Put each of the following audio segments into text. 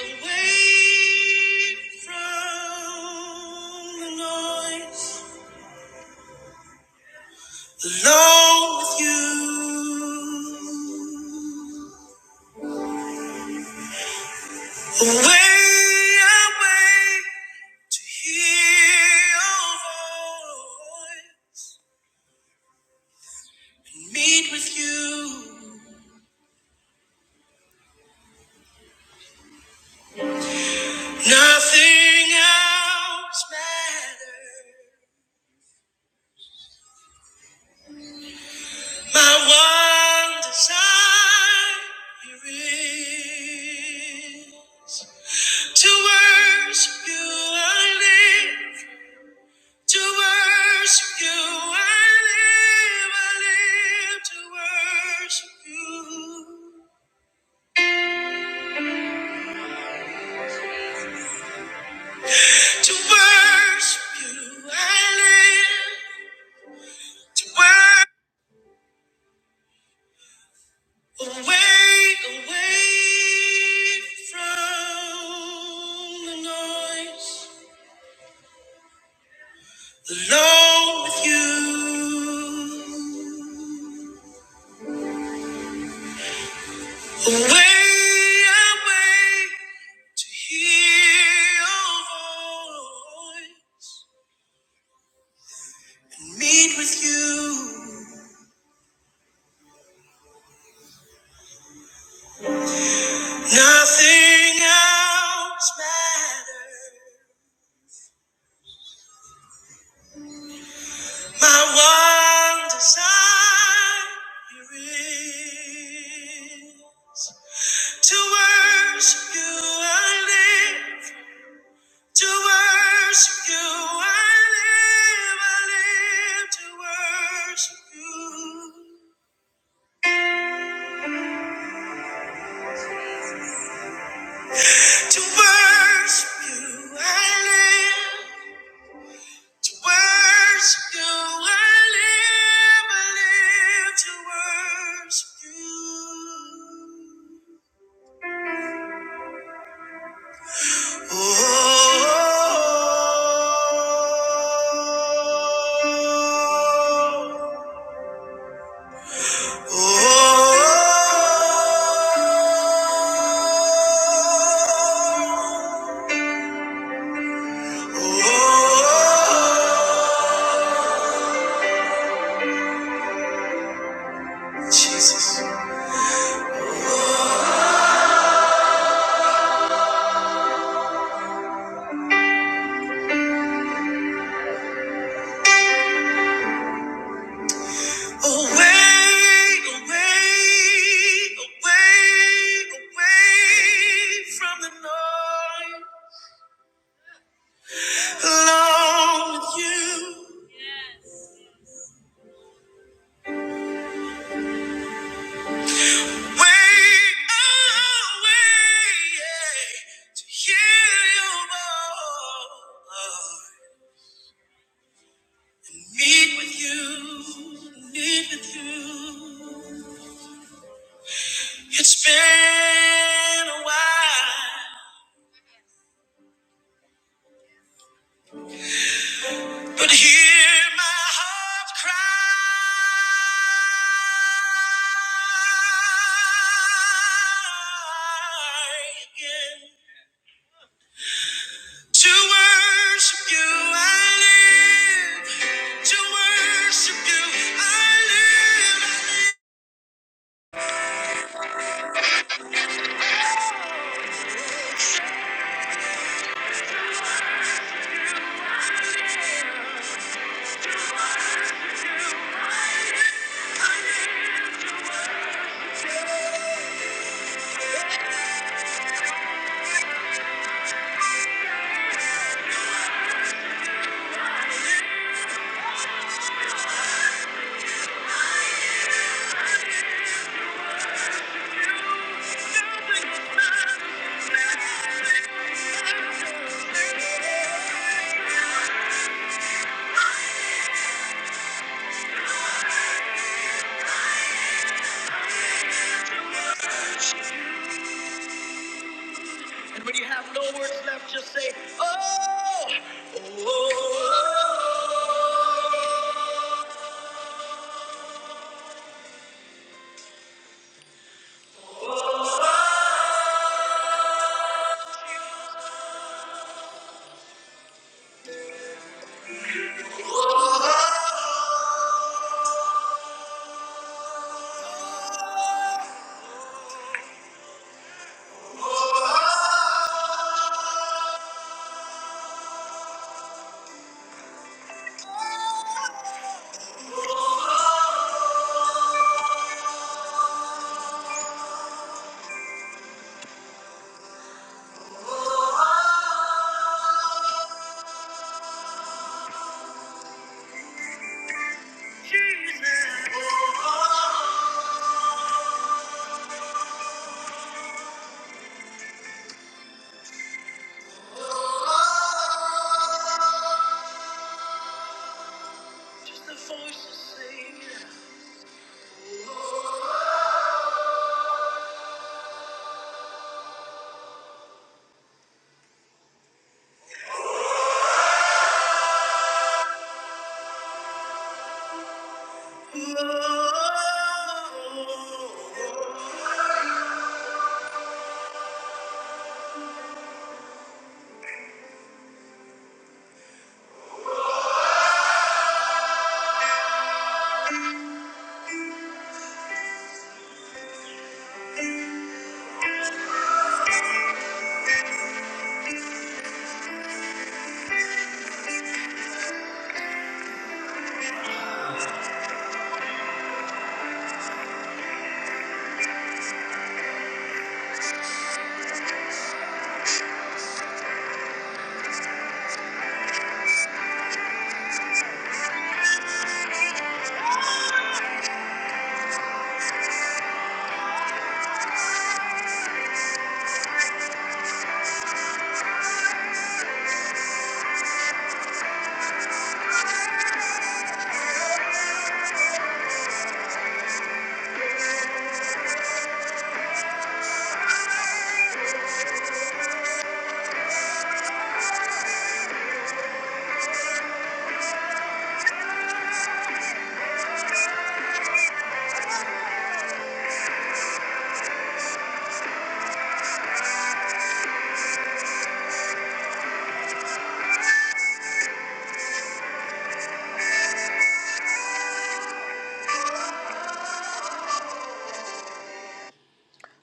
away from the noise, alone with you. Away, away to hear your voice, meet with you. Nothing else matters. My one desire is. To worship you I live. To worship you I live. I live to worship you. To worship you I live. To worship away, away from the noise. Alone with you. Away, away to hear your voice. and Meet with you. Nothing else matters. My one desire is to worship you. I live to worship you. I live. I live to worship you. To worship you, I live. To worship you, I live. I live to worship you. Oh, oh, oh, oh, Jesus. Oh. Away, away, away, away from the noise. Alone with you. Way away, yeah, to hear your voice. Meet with you, meet with you. It's been a while. But hear my heart cry again. To worship you, I live. To worship you, I live. Oh, oh, oh. Just the voices sing.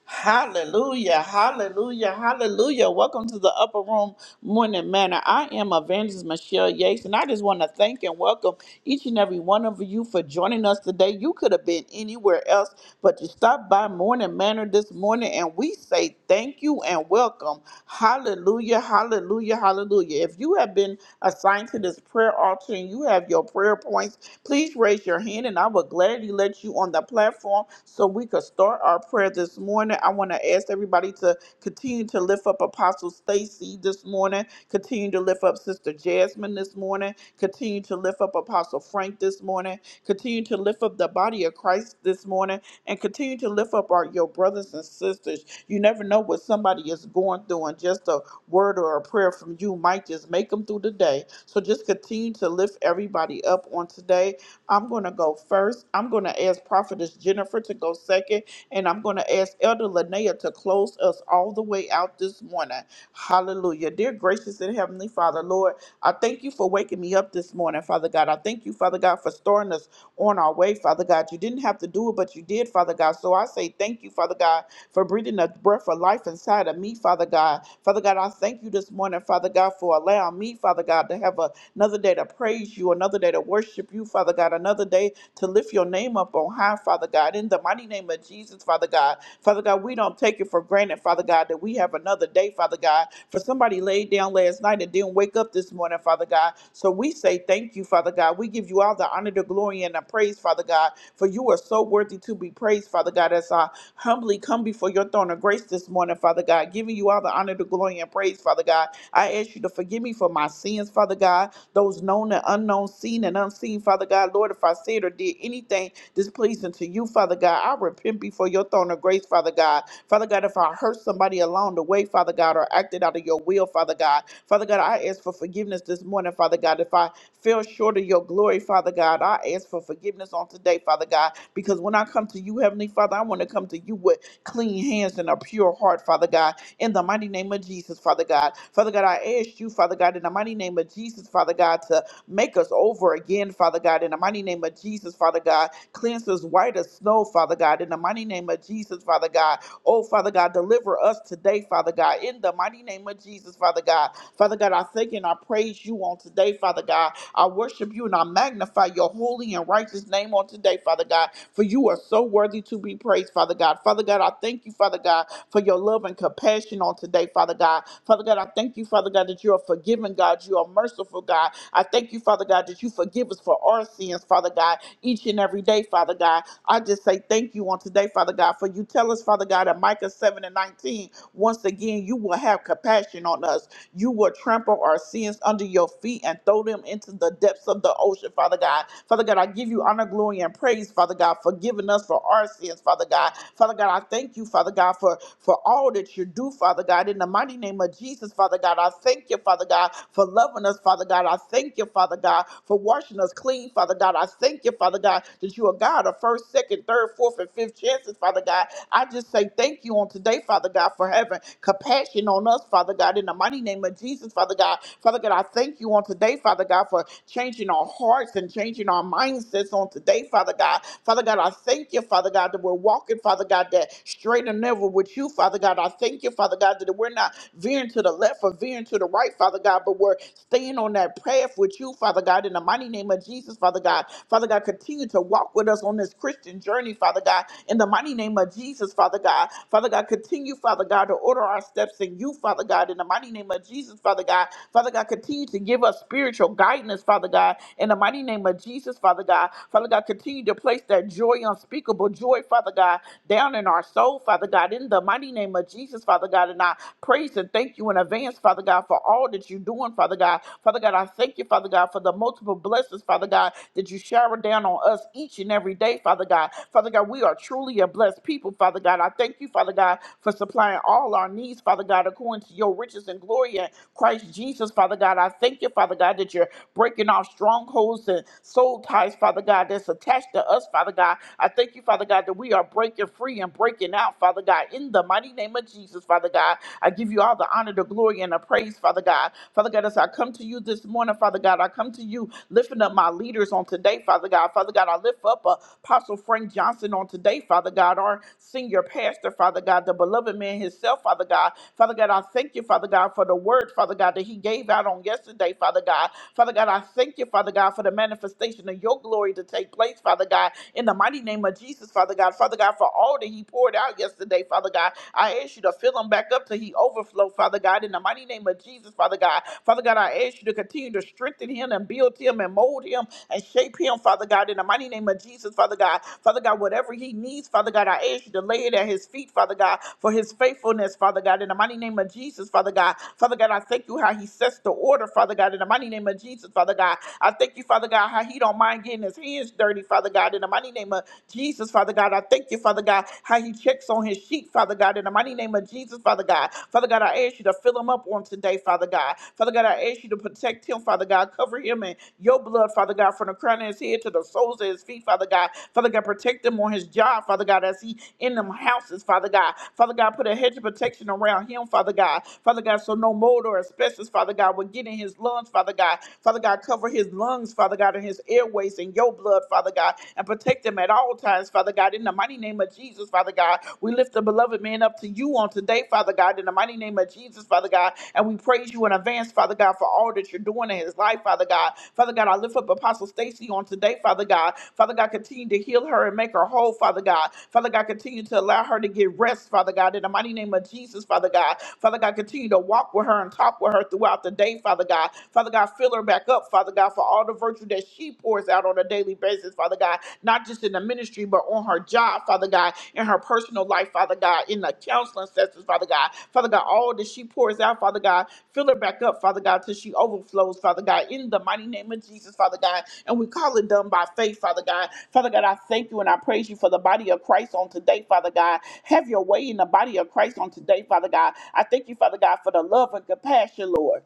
Hallelujah, hallelujah, hallelujah. Welcome to the Upper Room Morning Manor. I am Evangelist Michelle Yates, and I just want to thank and welcome each and every one of you for joining us today. You could have been anywhere else, but you stopped by Morning Manor this morning, and we say thank you and welcome. Hallelujah, hallelujah, hallelujah. If you have been assigned to this prayer altar and you have your prayer points, Please raise your hand and I will gladly let you on the platform so we could start our prayer this morning. I want to ask everybody to continue to lift up Apostle Stacy this morning, continue to lift up Sister Jasmine this morning, continue to lift up Apostle Frank this morning, continue to lift up the body of Christ this morning and continue to lift up our your brothers and sisters. You never know what somebody is going through, and just a word or a prayer from you might just make them through the day. So just continue to lift everybody up on today. I'm gonna go first. I'm gonna ask Prophetess Jennifer to go second, and I'm gonna ask Elder Linnea to close us all the way out this morning. Hallelujah. Dear gracious and heavenly Father, Lord, I thank you for waking me up this morning, Father God. I thank you, Father God, for storing us on our way, Father God. You didn't have to do it, but you did, Father God. So I say thank you, Father God, for breathing the breath of life inside of me, Father God. Father God, I thank you this morning, Father God, for allowing me, Father God, to have a, another day to praise you, another day to worship you, Father God, another day to lift your name up on high, Father God. In the mighty name of Jesus, Father God, Father God, we don't take it for granted, Father God, that we have another day, Father God. For somebody laid down last night and didn't wake up this morning, Father God. So we say thank you, Father God. We give you all the honor, the glory, and the praise, Father God, for you are so worthy to be praised, Father God, as I humbly come before your throne of grace this morning, Father God, giving you all the honor, the glory, and praise, Father God. I ask you to forgive me for my sins, Father God those known and unknown, seen and unseen, Father God. Lord, if I said or did anything displeasing to you, Father God, I repent before your throne of grace, Father God. Father God, if I hurt somebody along the way, Father God, or acted out of your will, Father God. Father God, I ask for forgiveness this morning, Father God. If I fell short of your glory, Father God, I ask for forgiveness on today, Father God, because when I come to you, Heavenly Father, I want to come to you with clean hands and a pure heart, Father God, in the mighty name of Jesus, Father God. Father God, I ask you, Father God, in the mighty name of Jesus, Father God, to make us over again, Father God, in the mighty name of Jesus, Father God. Cleanse us white as snow, Father God, in the mighty name of Jesus, Father God. Oh, Father God, deliver us today, Father God, in the mighty name of Jesus, Father God. Father God, I thank you and I praise you on today, Father God. I worship you and I magnify your holy and righteous name on today, Father God, for you are so worthy to be praised, Father God. Father God, I thank you, Father God, for your love and compassion on today, Father God. Father God, I thank you, Father God, that you are forgiving, God. You are merciful, God. I thank you, Father God, that you forgive us for our sins, Father God, each and every day, Father God. I just say thank you on today, Father God, for you tell us, Father God, in Micah 7 and 19, once again, you will have compassion on us. You will trample our sins under your feet and throw them into the depths of the ocean, Father God. Father God, I give you honor, glory, and praise, Father God, for giving us for our sins, Father God. Father God, I thank you, Father God, for, for all that you do, Father God. In the mighty name of Jesus, Father God, I thank you, Father God, for loving us, Father God. I thank you, Father God, for washing us clean, Father God. I thank you, Father God, that you are God of first, second, third, fourth, and fifth chances, Father God. I just say thank you on today, Father. Father God, for having compassion on us, Father God, in the mighty name of Jesus, Father God. Father God, I thank you on today, Father God, for changing our hearts and changing our mindsets on today, Father God. Father God, I thank you, Father God, that we're walking, Father God, that straight and never with you, Father God. I thank you, Father God, that we're not veering to the left or veering to the right, Father God, but we're staying on that path with you, Father God, in the mighty name of Jesus, Father God. Father God, continue to walk with us on this Christian journey, Father God. God, in the mighty name of Jesus, Father God. Father God, continue, Father God, to order our steps in you, Father God, in the mighty name of Jesus, Father God. Father God, continue to give us spiritual guidance, Father God, in the mighty name of Jesus, Father God. Father God, continue to place that joy, unspeakable joy, Father God, down in our soul, Father God, in the mighty name of Jesus, Father God. And I praise and thank you in advance, Father God, for all that you're doing, Father God. Father God, I thank you, Father God, for the multiple blessings, Father God, that you you shower down on us each and every day, Father God. Father God, we are truly a blessed people, Father God. I thank you, Father God, for supplying all our needs, Father God, according to your riches and glory in Christ Jesus, Father God. I thank you, Father God, that you're breaking off strongholds and soul ties, Father God, that's attached to us, Father God. I thank you, Father God, that we are breaking free and breaking out, Father God, in the mighty name of Jesus, Father God. I give you all the honor, the glory, and the praise, Father God. Father God, as I come to you you this morning, Father God. I come to you lifting up my leaders on today, Father God. Father God, I lift up uh, Apostle Frank Johnson on today, Father God, our senior pastor, Father God, the beloved man himself, Father God. Father God, I thank you, Father God, for the word, Father God, that he gave out on yesterday, Father God. Father God, I thank you, Father God, for the manifestation of your glory to take place, Father God, in the mighty name of Jesus, Father God. Father God, for all that he poured out yesterday, Father God. I ask you to fill him back up till he overflow. Angelo, Father God, in the mighty name of Jesus, Father God. Father God, I ask you to continue to strengthen him and build him and mold him and shape him, Father God, in the mighty name of Jesus, Father God. Father God, whatever he needs, Father God, I ask you to lay it at his feet, Father God, for his faithfulness, Father God, in the mighty name of Jesus, Father God. Father God, I thank you how he sets the order, Father God, in the mighty name of Jesus, Father God. I thank you, Father God, how he don't mind getting his hands dirty, Father God, in the mighty name of Jesus, Father God. I thank you, Father God, how he checks on his on his sheep, Father God, in the mighty name of Jesus, Father God. Father God, I ask you to fill him up on today, Father God. Father God, I ask you to protect him, Father God. Cover him in your blood, Father God, from the crown of his head to the soles of his feet, Father God. Father God, protect him on his job, Father God, as he in them houses, Father God. Father God, put a hedge of protection around him, Father God. Father God, so no mold or asbestos, Father God, will get in his lungs, Father God. Father God, cover his lungs, Father God, and his airways in your blood, Father God, and protect him them at all times, Father God. In the mighty name of Jesus, Father God, we lift the beloved man up to you on today, Father God. In the mighty name of Jesus, Father God, and we praise you in advance, Father God, for all that you're doing in his life, Father God. Father God, I lift up Apostle Stacy on today, Father God. Father God, continue to heal her and make her whole, Father God. Father God, continue to allow her to get rest, Father God. In the mighty name of Jesus, Father God. Father God, continue to walk with her and talk with her throughout the day, Father God. Father God, fill her back up, Father God, for all the virtue that she pours out on a daily basis, Father God, not just in the ministry, but on her job, Father God, in her personal life, Father God, in the counseling sessions, Father God. Father God, all that she pours out, Father God, fill her back up, Father God, till she overflows, Father God, in the mighty name of Jesus, Father God. And we call it done by faith, Father God. Father God, I thank you and I praise you for the body of Christ on today, Father God. Have your way in the body of Christ on today, Father God. I thank you, Father God, for the love and compassion, Lord.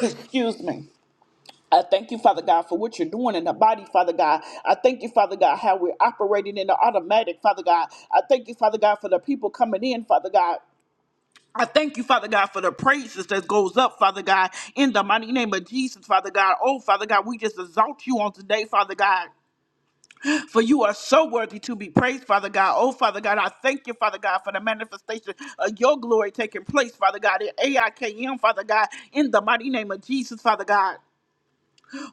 Excuse me. I thank you, Father God, for what you're doing in the body, Father God. I thank you, Father God, how we're operating in the automatic, Father God. I thank you, Father God, for the people coming in, Father God. I thank you, Father God, for the praises that goes up, Father God, in the mighty name of Jesus, Father God. Oh, Father God, we just exalt you on today, Father God. For you are so worthy to be praised, Father God. Oh, Father God, I thank you, Father God, for the manifestation of your glory taking place, Father God, in AIKM, Father God, in the mighty name of Jesus, Father God.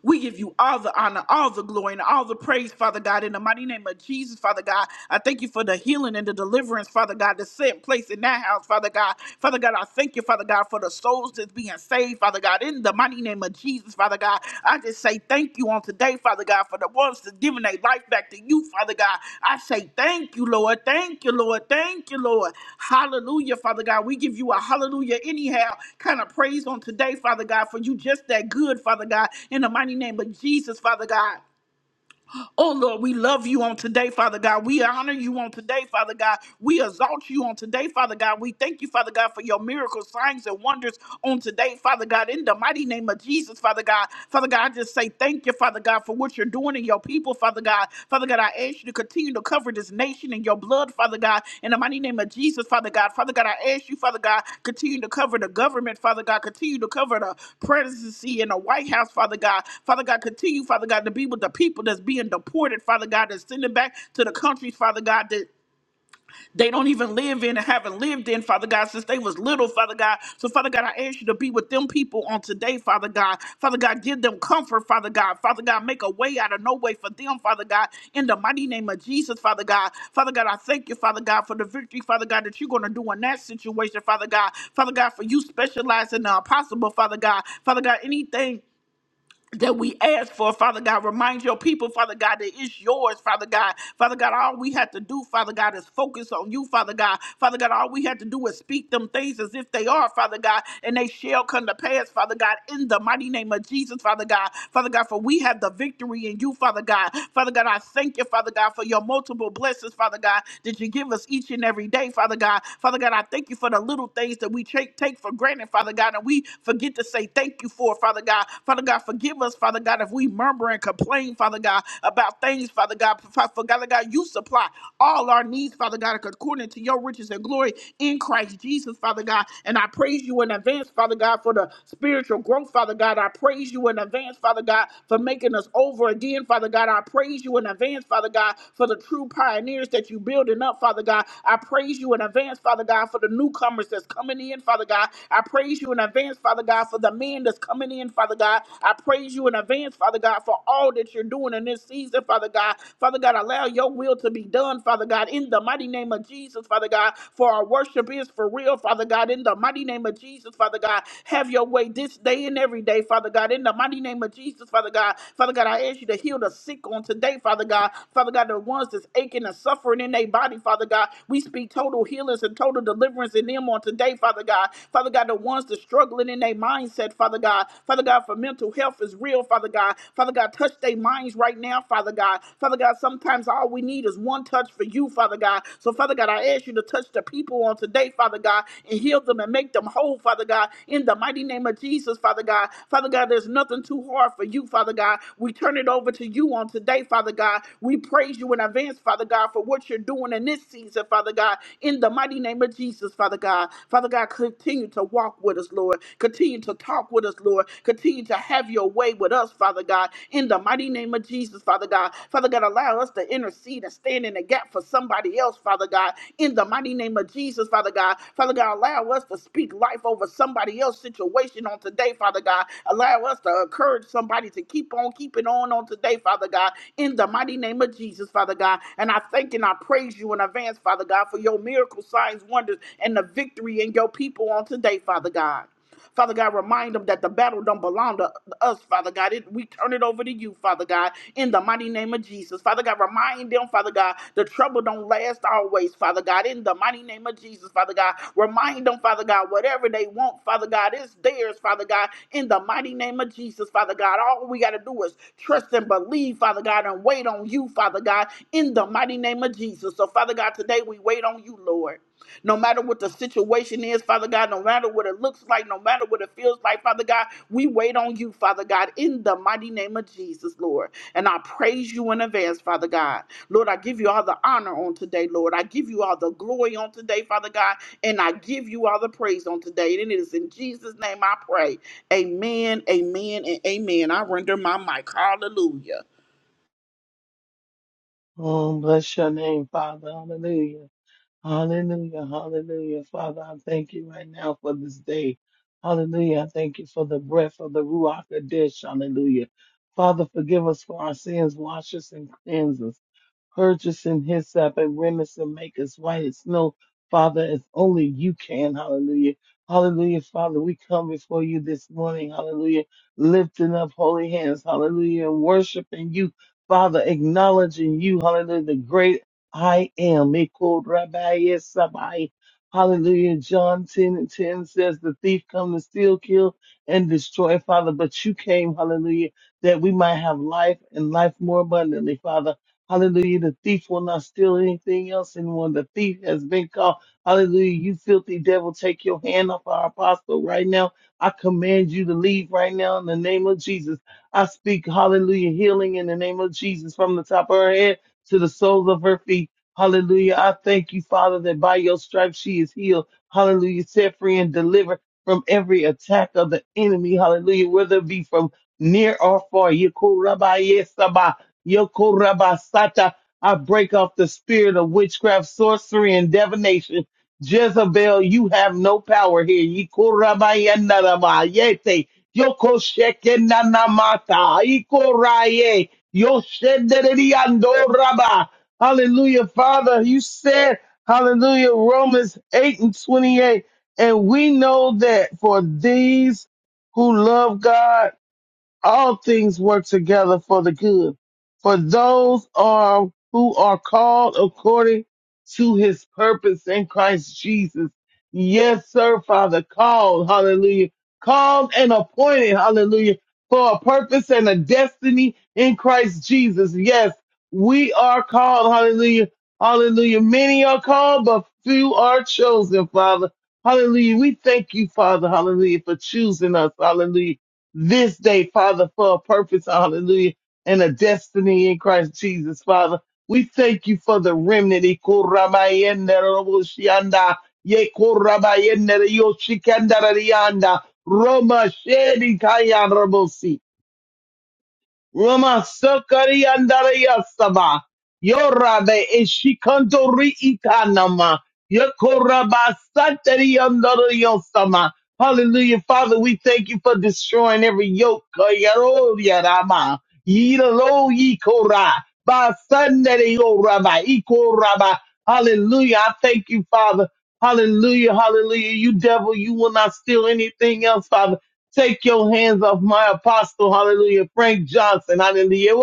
We give you all the honor, all the glory, and all the praise, Father God, in the mighty name of Jesus, Father God. I thank you for the healing and the deliverance, Father God, that's set in place in that house, Father God. Father God, I thank you, Father God, for the souls that's being saved, Father God, in the mighty name of Jesus, Father God. I just say thank you on today, Father God, for the ones that's giving their life back to you, Father God. I say thank you, Lord. Thank you, Lord. Thank you, Lord. Hallelujah, Father God. We give you a hallelujah anyhow kind of praise on today, Father God, for you just that good, Father God, in the mighty name of Jesus, Father God. Oh Lord, we love you on today, Father God. We honor you on today, Father God. We exalt you on today, Father God. We thank you, Father God, for your miracles, signs, and wonders on today, Father God. In the mighty name of Jesus, Father God. Father God, I just say thank you, Father God, for what you're doing in your people, Father God. Father God, I ask you to continue to cover this nation in your blood, Father God. In the mighty name of Jesus, Father God. Father God, I ask you, Father God, continue to cover the government, Father God. Continue to cover the presidency in the White House, Father God. Father God, continue, Father God, to be with the people that's being deported, Father God, that's sending back to the countries, Father God, that they don't even live in and haven't lived in, Father God, since they was little, Father God. So, Father God, I ask you to be with them people on today, Father God. Father God, give them comfort, Father God. Father God, make a way out of no way for them, Father God. In the mighty name of Jesus, Father God. Father God, I thank you, Father God, for the victory, Father God, that you're going to do in that situation, Father God. Father God, for you specialize in the impossible, Father God. Father God, anything that we ask for, Father God. Remind your people, Father God, that it's yours, Father God. Father God, all we have to do, Father God, is focus on you, Father God. Father God, all we have to do is speak them things as if they are, Father God, and they shall come to pass, Father God, in the mighty name of Jesus, Father God. Father God, for we have the victory in you, Father God. Father God, I thank you, Father God, for your multiple blessings, Father God, that you give us each and every day, Father God. Father God, I thank you for the little things that we take, take for granted, Father God, and we forget to say thank you for, Father God. Father Father God, forgive us, Father God, if we murmur and complain, Father God, about things, Father God. For Father God, you supply all our needs, Father God, according to your riches and glory in Christ Jesus, Father God. And I praise you in advance, Father God, for the spiritual growth, Father God. I praise you in advance, Father God, for making us over again, Father God. I praise you in advance, Father God, for the true pioneers that you building up, Father God. I praise you in advance, Father God, for the newcomers that's coming in, Father God. I praise you in advance, Father God, for the men that's coming in, hand, Father God. I praise you in advance, Father God, for all that you're doing in this season, Father God. Father God, allow your will to be done, Father God, in the mighty name of Jesus, Father God. For our worship is for real, Father God, in the mighty name of Jesus, Father God. Have your way this day and every day, Father God, in the mighty name of Jesus, Father God. Father God, I ask you to heal the sick on today, Father God. Father God, the ones that's aching and suffering in their body, Father God. We speak total healings and total deliverance in them on today, Father God. Father God, the ones that's struggling in their mindset, Father. Father God. Father God, for mental health is real, Father God. Father God, touch their minds right now, Father God. Father God, sometimes all we need is one touch for you, Father God. So, Father God, I ask you to touch the people on today, Father God, and heal them and make them whole, Father God. In the mighty name of Jesus, Father God. Father God, there's nothing too hard for you, Father God. We turn it over to you on today, Father God. We praise you in advance, Father God, for what you're doing in this season, Father God. In the mighty name of Jesus, Father God. Father God, continue to walk with us, Lord. Continue to talk with us, Lord. Continue to have your way with us, Father God. In the mighty name of Jesus, Father God. Father God, allow us to intercede and stand in the gap for somebody else, Father God. In the mighty name of Jesus, Father God. Father God, allow us to speak life over somebody else's situation on today, Father God. Allow us to encourage somebody to keep on keeping on on today, Father God. In the mighty name of Jesus, Father God. And I thank and I praise you in advance, Father God, for your miracle signs, wonders, and the victory in your people on today, Father God. Father God, remind them that the battle don't belong to us, Father God. It, we turn it over to you, Father God, in the mighty name of Jesus. Father God, remind them, Father God, the trouble don't last always, Father God, in the mighty name of Jesus, Father God. Remind them, Father God, whatever they want, Father God, it's theirs, Father God, in the mighty name of Jesus, Father God. All we got to do is trust and believe, Father God, and wait on you, Father God, in the mighty name of Jesus. So, Father God, today we wait on you, Lord no matter what the situation is, Father God, no matter what it looks like, no matter what it feels like, Father God, we wait on you, Father God, in the mighty name of Jesus, Lord. And I praise you in advance, Father God. Lord, I give you all the honor on today, Lord. I give you all the glory on today, Father God, and I give you all the praise on today. And it is in Jesus' name I pray. Amen, amen, and amen. I render my mic. Hallelujah. Oh, bless your name, Father. Hallelujah. Hallelujah. Hallelujah. Father, I thank you right now for this day. Hallelujah. I thank you for the breath of the Ruach Kadesh. Hallelujah. Father, forgive us for our sins. Wash us and cleanse us purchase and hyssop and remnants and make us white as snow, Father, as only you can. Hallelujah. Hallelujah, Father. We come before you this morning. Hallelujah. Lifting up holy hands. Hallelujah. And worshiping you, Father, acknowledging you. Hallelujah. The great I am. It called Rabbi Yesabai. Hallelujah. John 10 and 10 says the thief come to steal, kill, and destroy, Father. But you came, hallelujah, that we might have life and life more abundantly, Father. Hallelujah. The thief will not steal anything else. And when the thief has been caught, hallelujah, you filthy devil, take your hand off our apostle right now. I command you to leave right now in the name of Jesus. I speak, hallelujah, healing in the name of Jesus from the top of her head to the soles of her feet. Hallelujah. I thank you, Father, that by your stripes she is healed. Hallelujah. Set free and delivered from every attack of the enemy. Hallelujah. Whether it be from near or far. Yekurabba, Yokorabasata. I break off the spirit of witchcraft, sorcery, and divination. Jezebel, you have no power here. Yikorabayanamayete. Yokoshekenanamata. Ikoraye. Yoshederiandoraba. Hallelujah, Father. You said, hallelujah, Romans 8 and 28. And we know that for these who love God, all things work together for the good for those are who are called according to his purpose in Christ Jesus. Yes, sir, Father, called, hallelujah, called and appointed, hallelujah, for a purpose and a destiny in Christ Jesus. Yes, we are called, hallelujah, hallelujah. Many are called, but few are chosen, Father. Hallelujah. We thank you, Father, hallelujah, for choosing us, hallelujah this day, Father, for a purpose, hallelujah, and a destiny in Christ Jesus, Father. We thank you for the remnant. Ikorabayende roboshianda, yekorabayende yoshikanda rarianda, Roma shedi kaya robosi. Rama Sakari Andarayasama. Yorabe Ishikantori Itanama. Yokoraba Satari Andarayasama. Hallelujah. Father, we thank you for destroying every yoke. Kayaro Yarama. Yiralo Yikora. Basandere Yoraba. Ikoraba. Hallelujah. I thank you, Father. Hallelujah. Hallelujah. You devil, you will not steal anything else, Father. Take your hands off my apostle, hallelujah, Frank Johnson, hallelujah.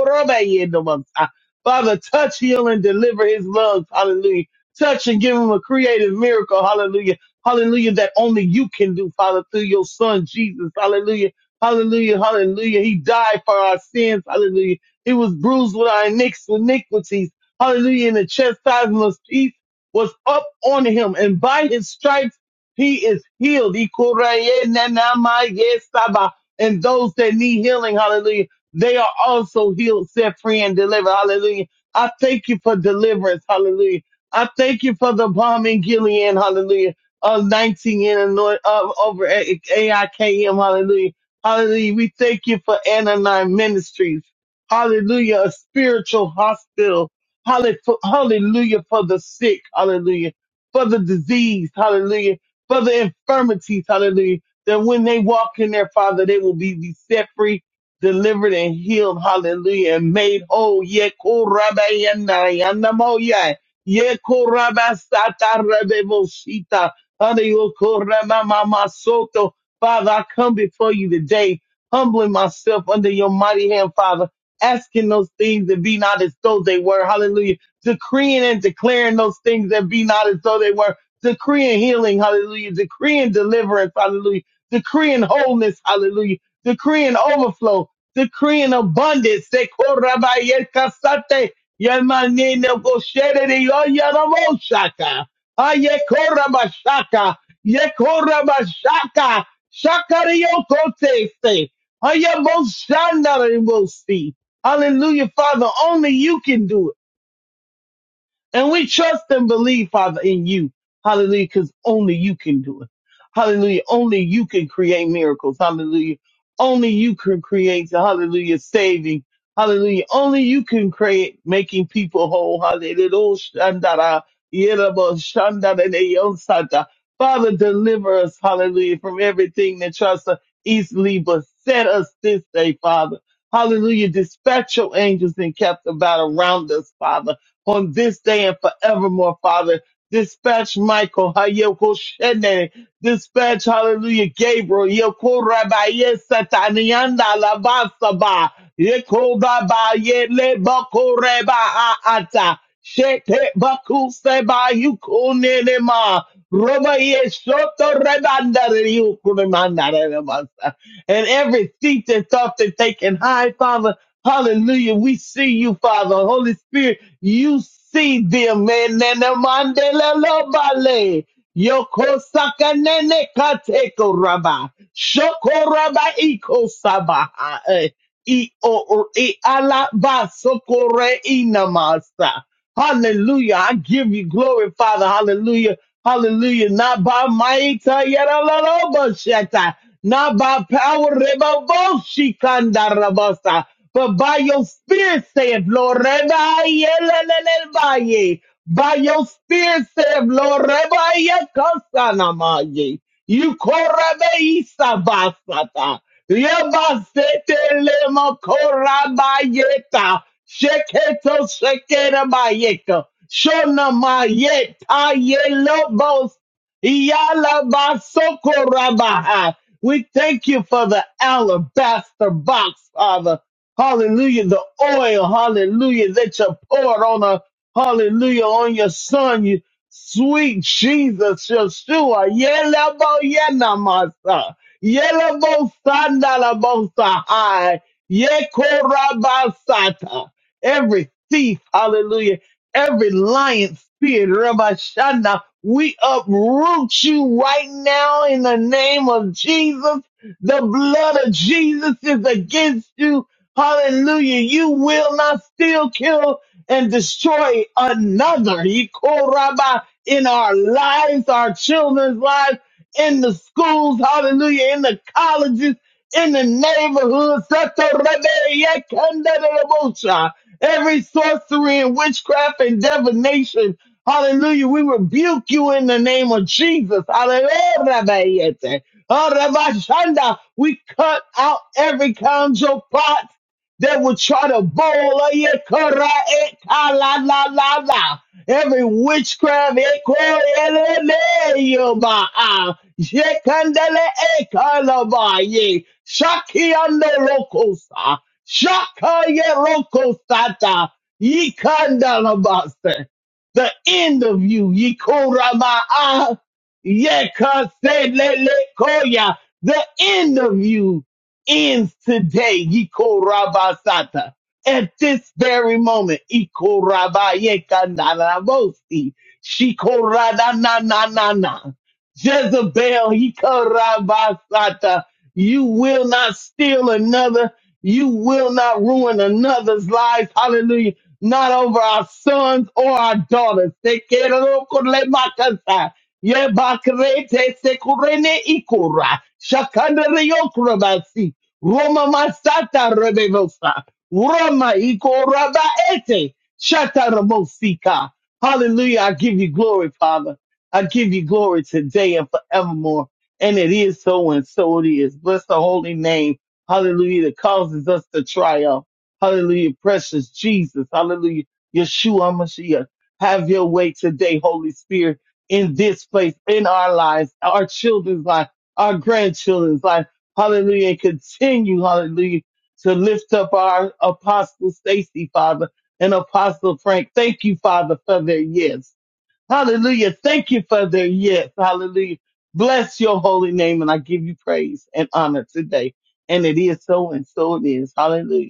Father, touch, heal, and deliver his lungs, hallelujah. Touch and give him a creative miracle, hallelujah. Hallelujah, that only you can do, Father, through your son, Jesus, hallelujah. Hallelujah, hallelujah. He died for our sins, hallelujah. He was bruised with our iniqu- iniquities, hallelujah. And the chastisement of peace was up on him, and by his stripes, he is healed. Ikorayenanamayesaba. And those that need healing, hallelujah, they are also healed, set free, and delivered. Hallelujah. I thank you for deliverance. Hallelujah. I thank you for the bomb in Gilead. Hallelujah. Of 19 in Illinois, of over at AIKM. Hallelujah. Hallelujah. We thank you for Ananine Ministries. Hallelujah. A spiritual hospital. Hallelu- Hallelujah for the sick. Hallelujah. For the disease. Hallelujah for the infirmities, hallelujah, that when they walk in their Father, they will be, be set free, delivered, and healed, hallelujah, and made whole. Ye korabayana, yanamoya, ye korabasata rebeboshita, hallelujah, koramamamasoto. Father, I come before you today, humbling myself under your mighty hand, Father, asking those things that be not as though they were, hallelujah, decreeing and declaring those things that be not as though they were decreeing healing, hallelujah, decreeing deliverance, hallelujah, decreeing wholeness, hallelujah, decreeing overflow, decreeing abundance. si. Hallelujah, Father, only you can do it. And we trust and believe, Father, in you. Hallelujah. Because only you can do it. Hallelujah. Only you can create miracles. Hallelujah. Only you can create, hallelujah, saving. Hallelujah. Only you can create making people whole. Hallelujah. Oh, Father, deliver us, hallelujah, from everything that tries to easily beset us this day, Father. Hallelujah. Dispatch your angels and kept about around us, Father on this day and forevermore, Father. Dispatch Michael, Hayoko Shene, dispatch, hallelujah, Gabriel, Yoko Rabaye Satanianda Lavasaba, Yeko Rabaye Lebako Reba Aata, Shete Baku Seba Yukunema, Robaye Shoto Rebanda Yukunamanda And every seat and thought that they can hide, Father. Hallelujah. We see you, Father. Holy Spirit, you see them, man. Nene mandele lo bale. Yoko saka nene kateko raba. Shoko raba iko sabaha. eh. I o o- i alaba sokore inamasa. Hallelujah. I give you glory, Father. Hallelujah. Hallelujah. Not by might, uh, yet a little bit, shit, uh, not by power, reba, bo, she, kanda, but by your spirit, saith Lord. reba, ye, le, le, le, ba, ye. By your spirit, saith Lord. reba, ye, kasa, ma, ye. You call Yebazetele makorabayeta. Sheketo shekerabayeka. Shona mayeta yelobos. Yalabasokorabaha. We thank you for the alabaster box, Father. Hallelujah. The oil, hallelujah, that you poured on a hallelujah on your son. You sweet Jesus, Yeshua. Yelaboyenamasa. Yelamosandalabosahai. Yekorabasata. Every thief, hallelujah, every lion spirit, Rabbi we uproot you right now in the name of Jesus. The blood of Jesus is against you. Hallelujah. You will not steal, kill, and destroy another. Yekoraba in our lives, our children's lives in the schools, hallelujah, in the colleges, in the neighborhoods. Satorabeyekandadabosha. Every sorcery and witchcraft and divination, hallelujah, we rebuke you in the name of Jesus. Hallelujah. Arabashanda. We cut out every conjure plot that will try to bowl. Ayekara la every witchcraft ekorelemeyoba yekandele ekalabaye shaki ande lokosa shaka ye lokosata yikandalabase the end of you yikorama yekaselelekoya the end of you ends today yikorabasata at this very moment. Ikorabayekandarabosi, shikoradananana. Jezebel, ikorabasata, you will not steal another. You will not ruin another's lives. Hallelujah. Not over our sons or our daughters. Sekerokolemakasa, yebakrete sekurene ikora, shakandariokorabasi, Roma masata rebevosa. Rama iko raba ete. Shatarabosika. Hallelujah. I give you glory, Father. I give you glory today and forevermore. And it is so and so it is. Bless the holy name. Hallelujah. That causes us to triumph. Hallelujah. Precious Jesus. Hallelujah. Yeshua Mashiach. Have your way today, Holy Spirit, in this place, in our lives, our children's life, our grandchildren's life. Hallelujah. And continue, hallelujah to lift up our apostle Stacy, Father, and apostle Frank. Thank you, Father, for their yes. Hallelujah. Thank you for their yes. Hallelujah. Bless your holy name. And I give you praise and honor today. And it is so and so it is. Hallelujah.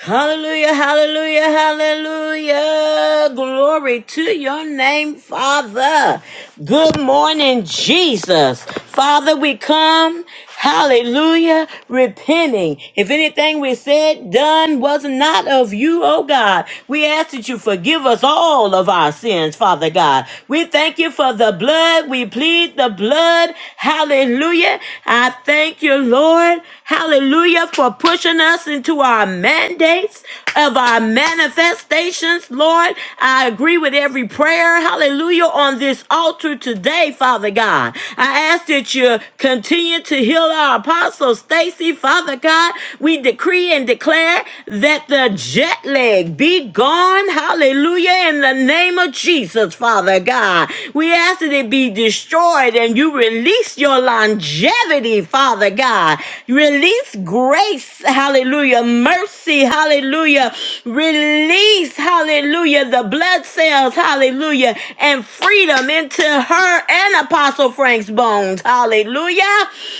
Hallelujah, hallelujah, hallelujah. Glory to your name, Father. Good morning, Jesus. Father, we come, hallelujah, repenting. If anything we said, done was not of you, oh God, we ask that you forgive us all of our sins, Father God. We thank you for the blood. We plead the blood. Hallelujah. I thank you, Lord. Hallelujah for pushing us into our mandates of our manifestations, Lord. I agree with every prayer. Hallelujah on this altar today, Father God. I ask that you continue to heal our apostle Stacy, Father God. We decree and declare that the jet lag be gone. Hallelujah in the name of Jesus, Father God. We ask that it be destroyed and you release Release your longevity, Father God. Release grace, hallelujah. Mercy, hallelujah. Release, hallelujah, the blood cells, hallelujah, and freedom into her and Apostle Frank's bones, hallelujah.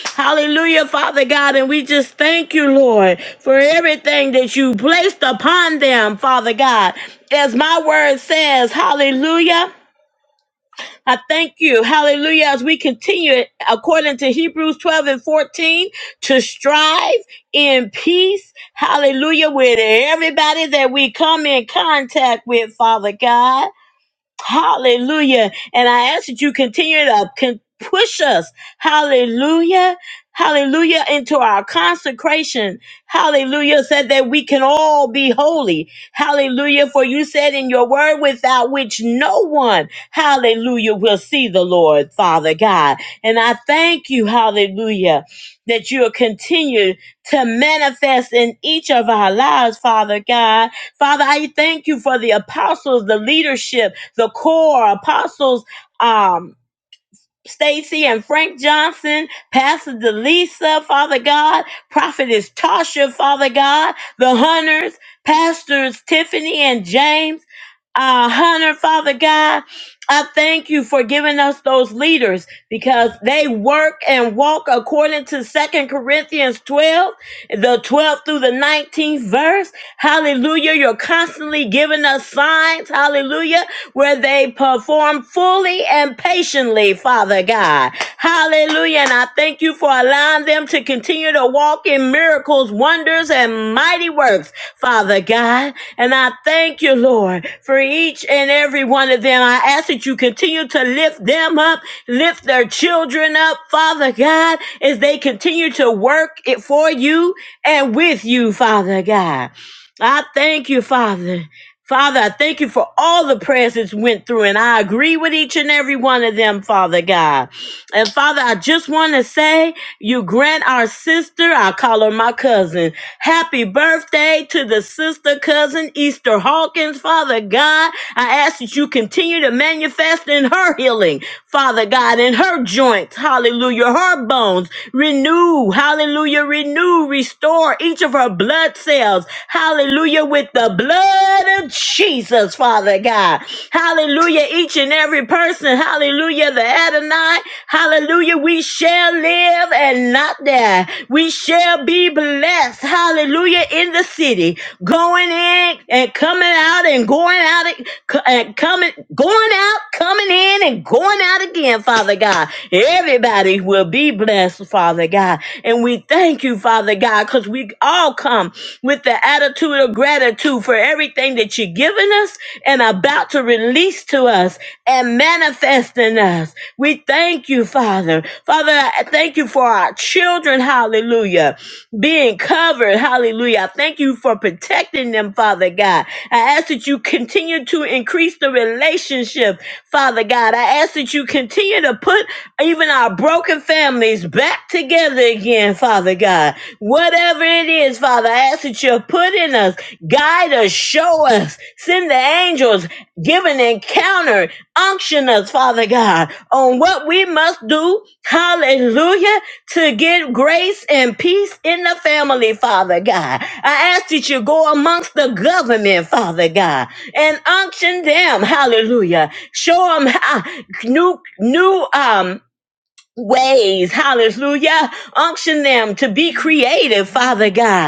Hallelujah, Father God. And we just thank you, Lord, for everything that you placed upon them, Father God. As my word says, hallelujah. I thank you, hallelujah, as we continue, according to Hebrews 12 and 14, to strive in peace, hallelujah, with everybody that we come in contact with, Father God. Hallelujah. And I ask that you continue to con- push us. Hallelujah. Hallelujah. Into our consecration. Hallelujah. Said that we can all be holy. Hallelujah. For you said in your word, without which no one, hallelujah, will see the Lord, Father God. And I thank you, hallelujah, that you'll continue to manifest in each of our lives, Father God. Father, I thank you for the apostles, the leadership, the core apostles, um, Stacy and Frank Johnson, Pastor Delisa, Father God, Prophetess Tasha, Father God, the Hunters, Pastors Tiffany and James, uh, Hunter, Father God, I thank you for giving us those leaders because they work and walk according to Second Corinthians 12, the 12th through the 19th verse. Hallelujah. You're constantly giving us signs. Hallelujah where they perform fully and patiently, Father God. Hallelujah. And I thank you for allowing them to continue to walk in miracles, wonders, and mighty works, Father God. And I thank you, Lord, for each and every one of them. I ask that you continue to lift them up, lift their children up, Father God, as they continue to work it for you and with you, Father God. I thank you, Father. Father, I thank you for all the prayers that went through, and I agree with each and every one of them, Father God. And Father, I just want to say, you grant our sister, I call her my cousin, happy birthday to the sister cousin, Easter Hawkins, Father God. I ask that you continue to manifest in her healing, Father God, in her joints, hallelujah, her bones, renew, hallelujah, renew, restore restore each of her blood cells. Hallelujah. With the blood of Jesus, Father God. Hallelujah. Each and every person. Hallelujah. The Adonai. Hallelujah. We shall live and not die. We shall be blessed. Hallelujah. In the city going in and coming out and going out and co- and coming, going out, coming in and going out again, Father God. Everybody will be blessed, Father God. And we thank you, Father God, because we all come with the attitude of gratitude for everything that you've given us and about to release to us and manifest in us. We thank you, Father. Father, I thank you for our children. Hallelujah being covered. Hallelujah. I Thank you for protecting them, Father God. I ask that you continue to increase the relationship, Father God. I ask that you continue to put even our broken families back together again, Father God. Whatever it is, Father, I ask that you put in us, guide us, show us, send the angels, give an encounter, unction us, Father God, on what we must do. Hallelujah to get grace and peace in the family, Father God. I ask that you go amongst the government, Father God, and unction them, hallelujah. Show them new, new, um, ways, hallelujah. Unction them to be creative, Father God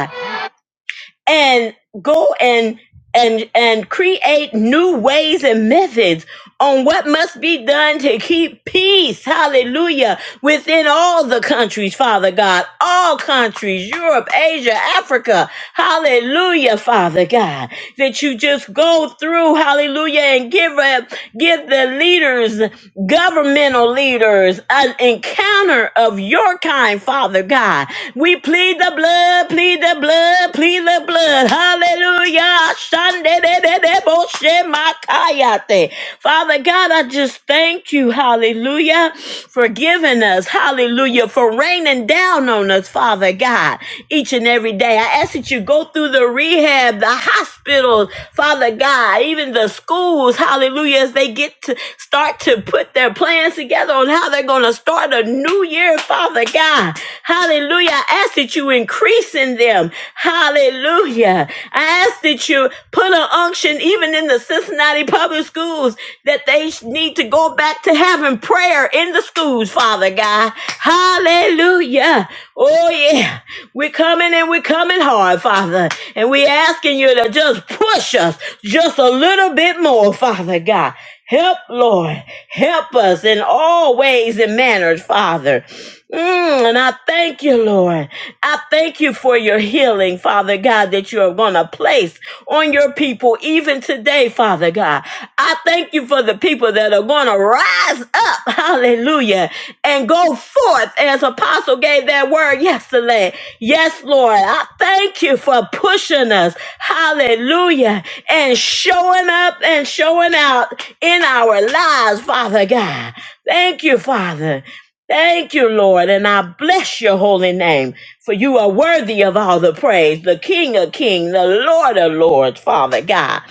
and go and and and create new ways and methods on what must be done to keep peace hallelujah within all the countries father god all countries europe asia africa hallelujah father god that you just go through hallelujah and give up give the leaders governmental leaders an encounter of your kind, Father God. We plead the blood, plead the blood, plead the blood. Hallelujah. Shandedededeboshemakayate. Father God, I just thank you, hallelujah, for giving us, hallelujah, for raining down on us, Father God each and every day. I ask that you go through the rehab, the hospitals, Father God, even the schools, hallelujah, as they get to start to put their plans together on how they're going to start a new year, Father God. Hallelujah. I ask that you increase in them. Hallelujah. I ask that you put an unction even in the system Cincinnati public schools that they need to go back to having prayer in the schools, Father God. Hallelujah. Oh, yeah. We're coming and we're coming hard, Father. And we're asking you to just push us just a little bit more, Father God. Help, Lord. Help us in all ways and manners, Father. Mm, and I thank you, Lord. I thank you for your healing, Father God, that you are going to place on your people even today, Father God. I thank you for the people that are going to rise up, hallelujah, and go forth as Apostle gave that word yesterday. Yes, Lord, I thank you for pushing us, hallelujah, and showing up and showing out in our lives, Father God. Thank you, Father. Thank you, Lord, and I bless your holy name. For you are worthy of all the praise, the King of kings, the Lord of lords, Father God.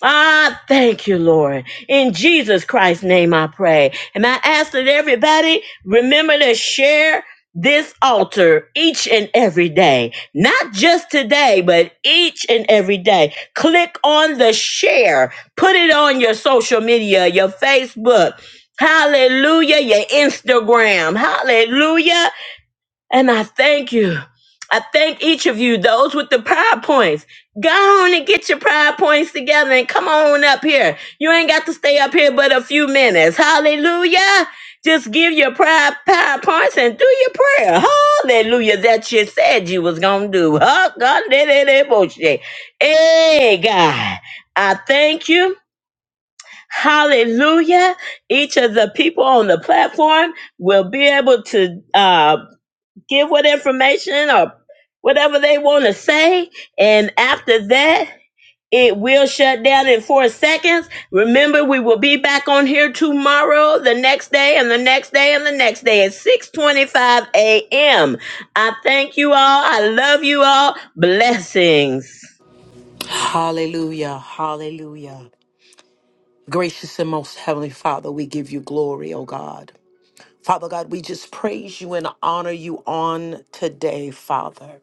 Ah, thank you, Lord. In Jesus Christ's name I pray. And I ask that everybody remember to share this altar each and every day. Not just today, but each and every day. Click on the share. Put it on your social media, your Facebook. Hallelujah, your Instagram. Hallelujah. And I thank you. I thank each of you, those with the pride points. Go on and get your pride points together and come on up here. You ain't got to stay up here but a few minutes. Hallelujah. Just give your pride, pride points and do your prayer. Hallelujah. That you said you was going to do. Huh? God did it. it was you. Hey, God. I thank you. Hallelujah. Each of the people on the platform will be able to. uh, give what information or whatever they want to say. And after that, it will shut down in four seconds. Remember, we will be back on here tomorrow, the next day, and the next day, and the next day at 6:25 a.m. I thank you all. I love you all. Blessings. Hallelujah. Hallelujah. Gracious and most heavenly Father, we give you glory, O God. Father God, we just praise you and honor you on today, Father.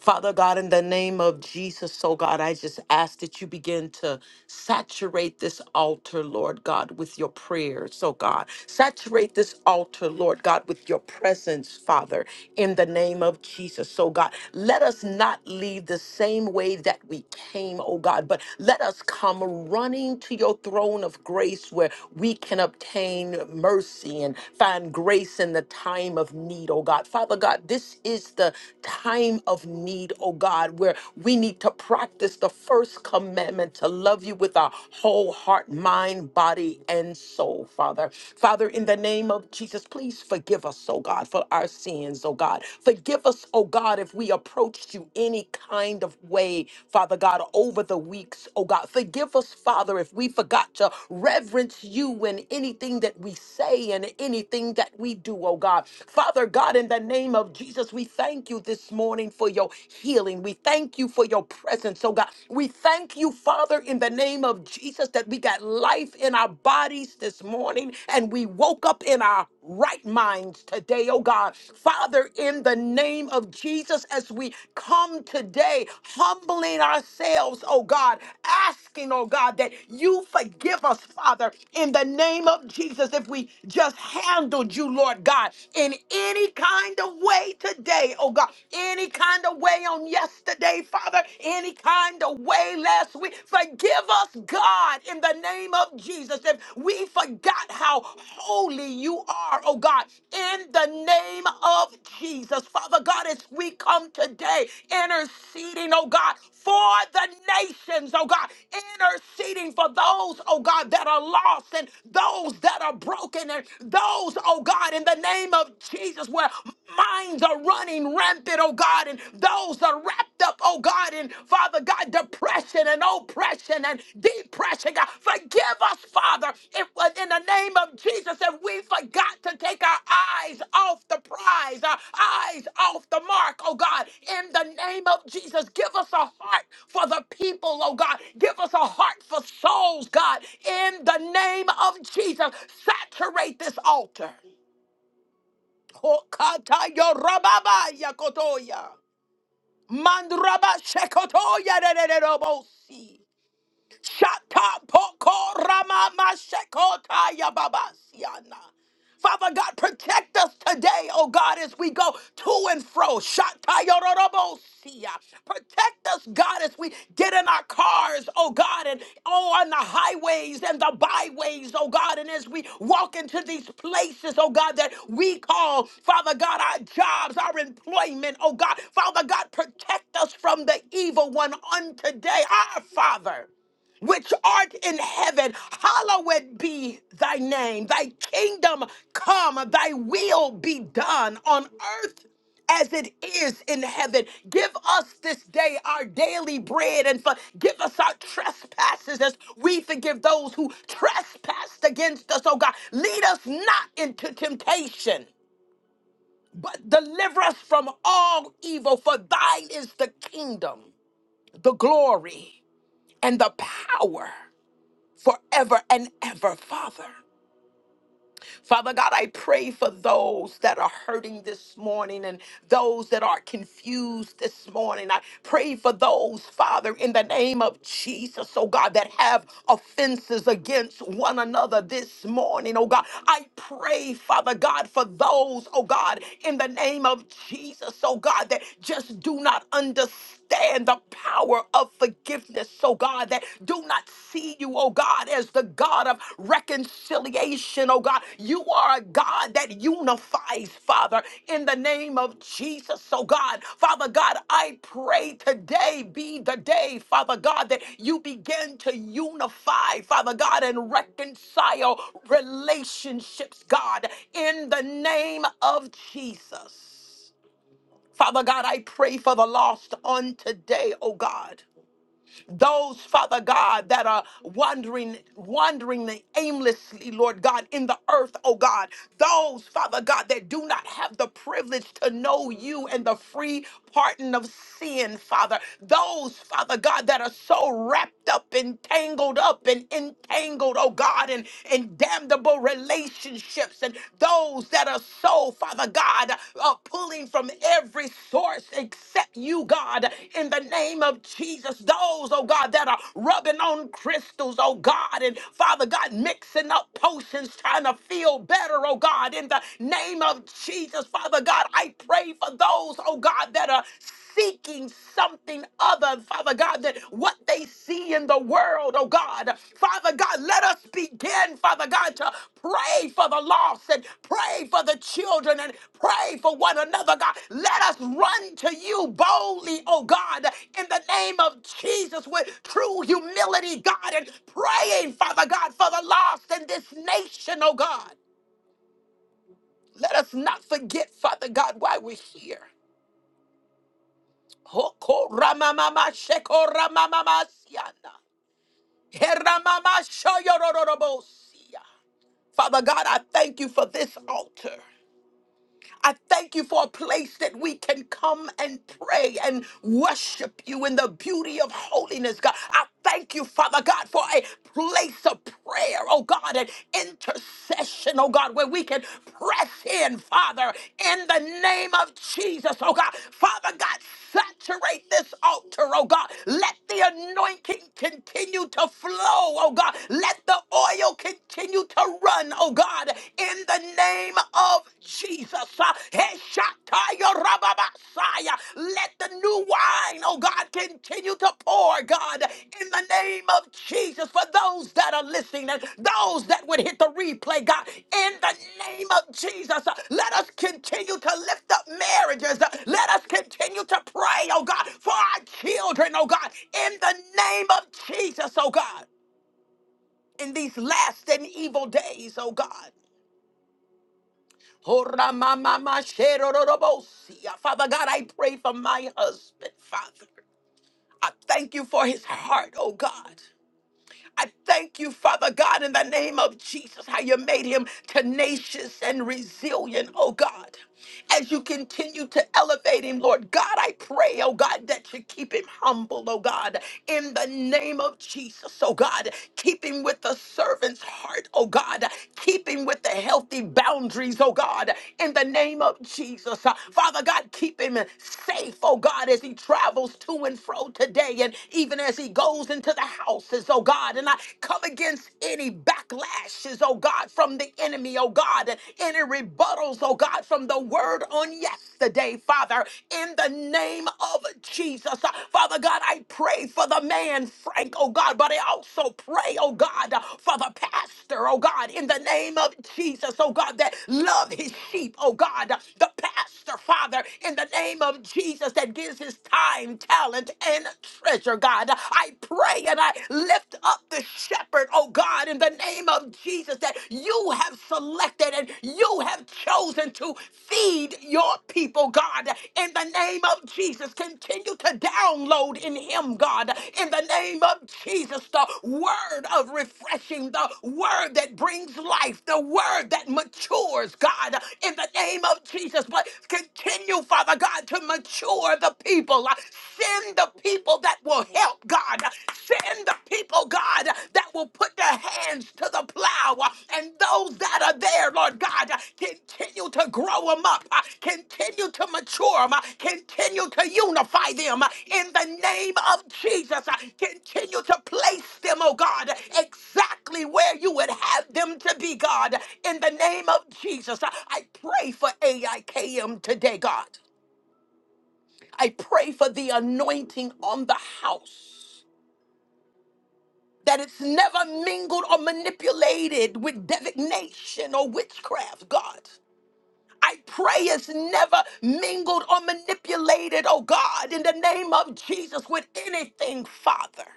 Father God, in the name of Jesus, oh God, I just ask that you begin to saturate this altar, Lord God, with your prayers, oh God. Saturate this altar, Lord God, with your presence, Father, in the name of Jesus, oh God. Let us not leave the same way that we came, oh God, but let us come running to your throne of grace where we can obtain mercy and find grace in the time of need, oh God. Father God, this is the time of need, oh God, where we need to practice the first commandment to love you with our whole heart, mind, body, and soul, Father. Father, in the name of Jesus, please forgive us, oh God, for our sins, oh God. Forgive us, oh God, if we approached you any kind of way, Father God, over the weeks, oh God. Forgive us, Father, if we forgot to reverence you in anything that we say and anything that we do, oh God. Father God, in the name of Jesus, Jesus, we thank you this morning for your healing. We thank you for your presence, oh God. We thank you, Father, in the name of Jesus, that we got life in our bodies this morning and we woke up in our right minds today, oh God. Father, in the name of Jesus, as we come today, humbling ourselves, oh God, asking, oh God, that you forgive us, Father, in the name of Jesus, if we just handled you, Lord God, in any kind of way today, oh God, any kind of way on yesterday, Father, any kind of way last week. Forgive us, God, in the name of Jesus, if we forgot how holy you are, oh God, in the name of Jesus. Father God, as we come today interceding, oh God, for the nations, oh God, interceding for those, oh God, that are lost and those that are broken and those, oh God, in the name of name of Jesus, where minds are running rampant, oh God, and those are wrapped up, oh God, in Father God, depression and oppression and depression. God, forgive us, Father, if uh, in the name of Jesus, if we forgot to take our eyes off the prize, our eyes off the mark, oh God, in the name of Jesus, give us a heart for the people, oh God. Give us a heart for souls, God, in the name of Jesus. Saturate this altar. Pokata yorababa yakotoya. Mandraba shekotoya de de de robosi. Shata poko rama mashekota yababasiana. Father God, protect us today, oh God, as we go to and fro. Shatayororobosia, Protect us, God, as we get in our cars, oh God, and oh on the highways and the byways, oh God, and as we walk into these places, oh God, that we call, Father God, our jobs, our employment, oh God. Father God, protect us from the evil one on today, our Father which art in heaven, hallowed be thy name. Thy kingdom come, thy will be done on earth as it is in heaven. Give us this day our daily bread and forgive us our trespasses as we forgive those who trespass against us, oh God. Lead us not into temptation, but deliver us from all evil, for thine is the kingdom, the glory, and the power forever and ever, Father. Father God, I pray for those that are hurting this morning and those that are confused this morning. I pray for those, Father, in the name of Jesus, oh God, that have offenses against one another this morning, oh God. I pray, Father God, for those, oh God, in the name of Jesus, oh God, that just do not understand the power of forgiveness, oh God, that do not see you, oh God, as the God of reconciliation, oh God. You are a God that unifies, Father, in the name of Jesus, oh God. Father God, I pray today be the day, Father God, that you begin to unify, Father God, and reconcile relationships, God, in the name of Jesus. Father God, I pray for the lost on today, oh God. Those, Father God, that are wandering, wandering aimlessly, Lord God, in the earth, oh God. Those, Father God, that do not have the privilege to know you and the free pardon of sin, Father. Those, Father God, that are so wrapped up and tangled up and entangled, oh God, in, in damnable relationships. And those those that are so, Father God, uh, pulling from every source except you, God, in the name of Jesus. Those, oh God, that are rubbing on crystals, oh God, and Father God, mixing up potions, trying to feel better, oh God, in the name of Jesus, Father God, I pray for those, oh God, that are seeking something other, Father God, than what they see in the world, oh God. Father God, let us begin, Father God, to pray for the lost and pray for the children and pray for one another, God. Let us run to you boldly, oh God, in the name of Jesus with true humility, God, and praying, Father God, for the lost in this nation, oh God. Let us not forget, Father God, why we're here. Hoko ramamama sheko ramamama siana. Heramama shoyorororobosia. Father God, I thank you for this altar. I thank you for a place that we can come and pray and worship you in the beauty of holiness, God. I thank you, Father God, for a place of prayer, oh God, and intercession, oh God, where we can press in, Father, in the name of Jesus, oh God. Father God, saturate this altar, oh God. Let the anointing continue to flow, oh God. Let the oil continue to run, oh God, in the name of Jesus. Uh, Heshataya rababasaya. Let the new wine, oh God, continue to pour, God, in the name of Jesus for those that are listening and those that would hit the replay, God, in the name of Jesus. uh, Let us continue to lift up marriages. Uh, Let us continue to pray, oh God, for our children, oh God, in the name of Jesus, oh God in these last and evil days, oh God. Horamamamasherororobosia. Father God, I pray for my husband, Father. I thank you for his heart, oh God. I thank you, Father God, in the name of Jesus, how you made him tenacious and resilient, oh God. As you continue to elevate him, Lord God, I pray, oh God, that you keep him humble, oh God, in the name of Jesus, oh God. Keep him with the servant's heart, oh God. Keep him with the healthy boundaries, oh God, in the name of Jesus. Uh, Father God, keep him safe, oh God, as he travels to and fro today and even as he goes goes into the houses, oh God. And I come against any backlashes, oh God, from the enemy, oh God, and any rebuttals, oh God, from the word on yesterday, Father, in the name of Jesus. Uh, Father God, I pray for the man, Frank, oh God, but I also pray, oh God, uh, for the pastor, oh God, in the name of Jesus, oh God, that love his sheep, oh God, uh, the pastor, Father, in the name of Jesus, that gives his time, talent, and hidden treasure, God. I pray and I lift up the shepherd, oh God, in the name of Jesus, that you have selected and you have chosen to feed your people, God. In the name of Jesus, continue to download in him, God. In the name of Jesus, the word of refreshing, the word that brings life, the word that matures, God. In the name of Jesus, but continue, Father God, to mature the people. Uh, Send the people that will help, God. Uh, Send the people, God, uh, that will put their hands to the plow. uh, And those that are there, Lord God, uh, continue to grow them up, uh, continue to mature them, continue to unify them uh, in the name of Jesus. uh, Continue to place them, oh God, exactly where you would have them to be, God. In the name of Jesus, Uh, I pray for AIKM today, God. I pray for the anointing on the house. That it's never mingled or manipulated with divination or witchcraft, God. I pray it's never mingled or manipulated, oh God, in the name of Jesus, with anything, Father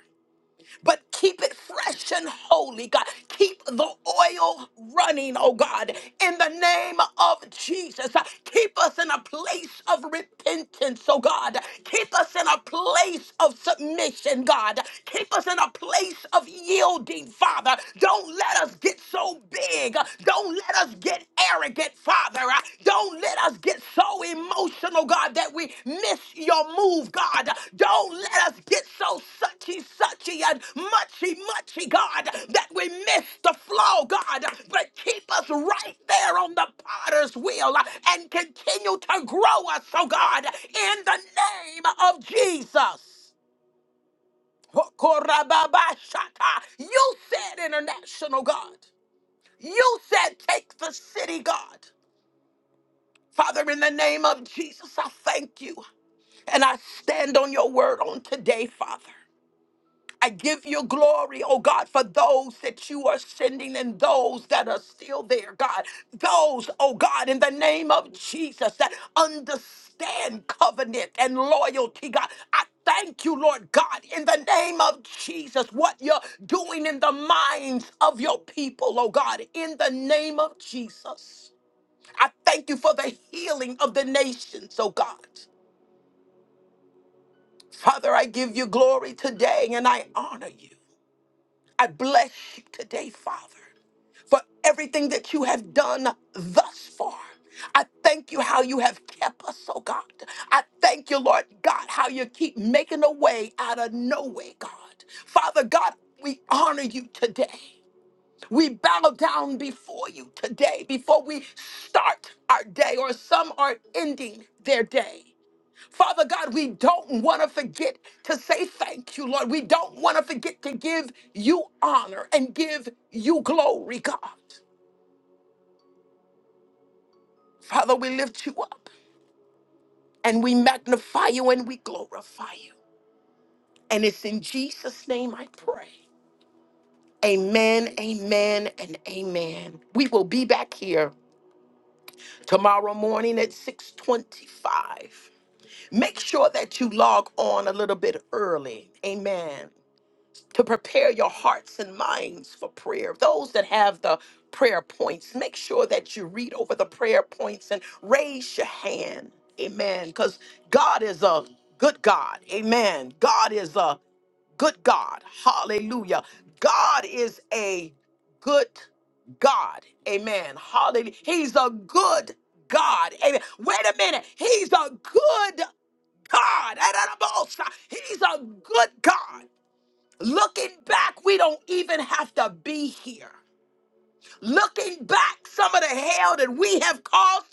but keep it fresh and holy, God. Keep the oil running, oh God, in the name of Jesus. Keep us in a place of repentance, oh God. Keep us in a place of submission, God. Keep us in a place of yielding, Father. Don't let us get so big. Don't let us get arrogant, Father, uh, don't let us get so emotional, God, that we miss your move, God. Don't let us get so suchy, suchy, and muchy, muchy, God, that we miss the flow, God. But keep us right there on the potter's wheel uh, and continue to grow us, oh God, in the name of Jesus. Hokorababashata. You said international, God. You said take the city, God. Father, in the name of Jesus, I thank you. And I stand on your word on today, Father. I give you glory, oh God, for those that you are sending and those that are still there, God. Those, oh God, in the name of Jesus, that understand covenant and loyalty, God. I thank you, Lord God, in the name of Jesus, what you're doing in the minds of your people, oh God, in the name of Jesus. I thank you for the healing of the nations, oh God. Father, I give you glory today and I honor you. I bless you today, Father, for everything that you have done thus far. I thank you how you have kept us, oh God. I thank you, Lord God, how you keep making a way out of no way, God. Father God, we honor you today. We bow down before you today, before we start our day, or some are ending their day. Father God, we don't want to forget to say thank you, Lord. We don't want to forget to give you honor and give you glory, God. Father, we lift you up and we magnify you and we glorify you. And it's in Jesus' name I pray. Amen, amen, and amen. We will be back here tomorrow morning at 625. Make sure that you log on a little bit early. Amen. to prepare your hearts and minds for prayer. Those that have the prayer points, make sure that you read over the prayer points and raise your hand. Amen. Because God is a good God. Amen. God is a good God. Hallelujah. God is a good God. Amen. Hallelujah. He's a good God. Amen. Wait a minute. He's a good God. He's a good God. Looking back, we don't even have to be here. Looking back, some of the hell that we have caused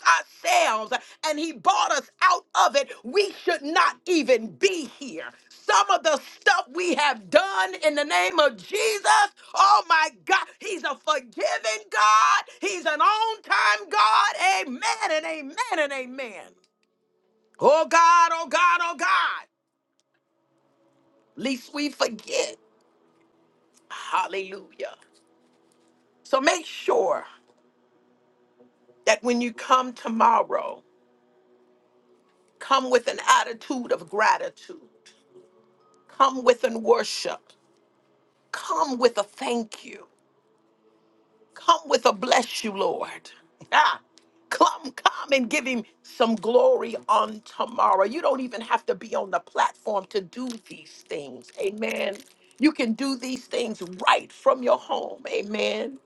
ourselves and He bought us out of it, we should not even be here. Some of the stuff we have done in the name of Jesus, oh my God, He's a forgiving God. He's an on time God. Amen and amen and amen. Oh God, oh God, oh God, least we forget. Hallelujah. So make sure. that when you come tomorrow, come with an attitude of gratitude, come with an worship, come with a thank you, come with a bless you, Lord. Ah, come, come and give him some glory on tomorrow. You don't even have to be on the platform to do these things. Amen. You can do these things right from your home. Amen.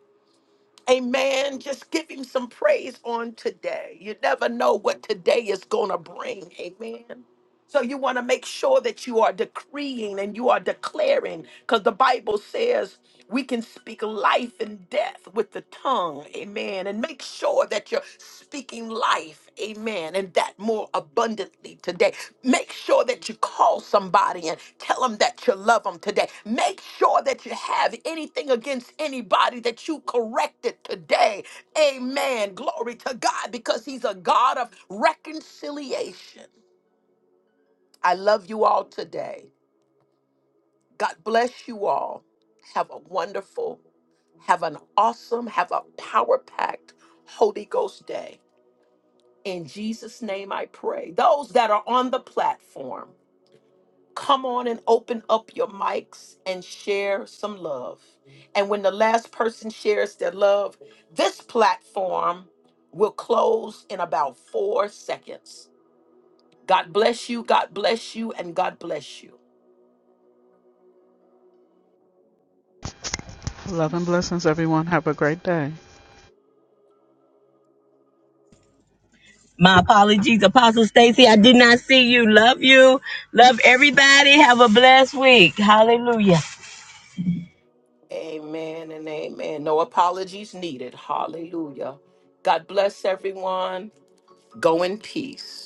Amen. Just give him some praise on today. You never know what today is going to bring. Amen. So you want to make sure that you are decreeing and you are declaring, because the Bible says we can speak life and death with the tongue. Amen. And make sure that you're speaking life. Amen. And that more abundantly today. Make sure that you call somebody and tell them that you love them today. Make sure that you have anything against anybody that you corrected today. Amen. Glory to God because He's a God of reconciliation. I love you all today. God bless you all. Have a wonderful, have an awesome, have a power packed Holy Ghost day. In Jesus' name I pray. Those that are on the platform, come on and open up your mics and share some love. And when the last person shares their love, this platform will close in about four seconds. God bless you, God bless you, and God bless you. Love and blessings, everyone. Have a great day. My apologies, Apostle Stacy. I did not see you. Love you. Love everybody. Have a blessed week. Hallelujah. Amen and amen. No apologies needed. Hallelujah. God bless everyone. Go in peace.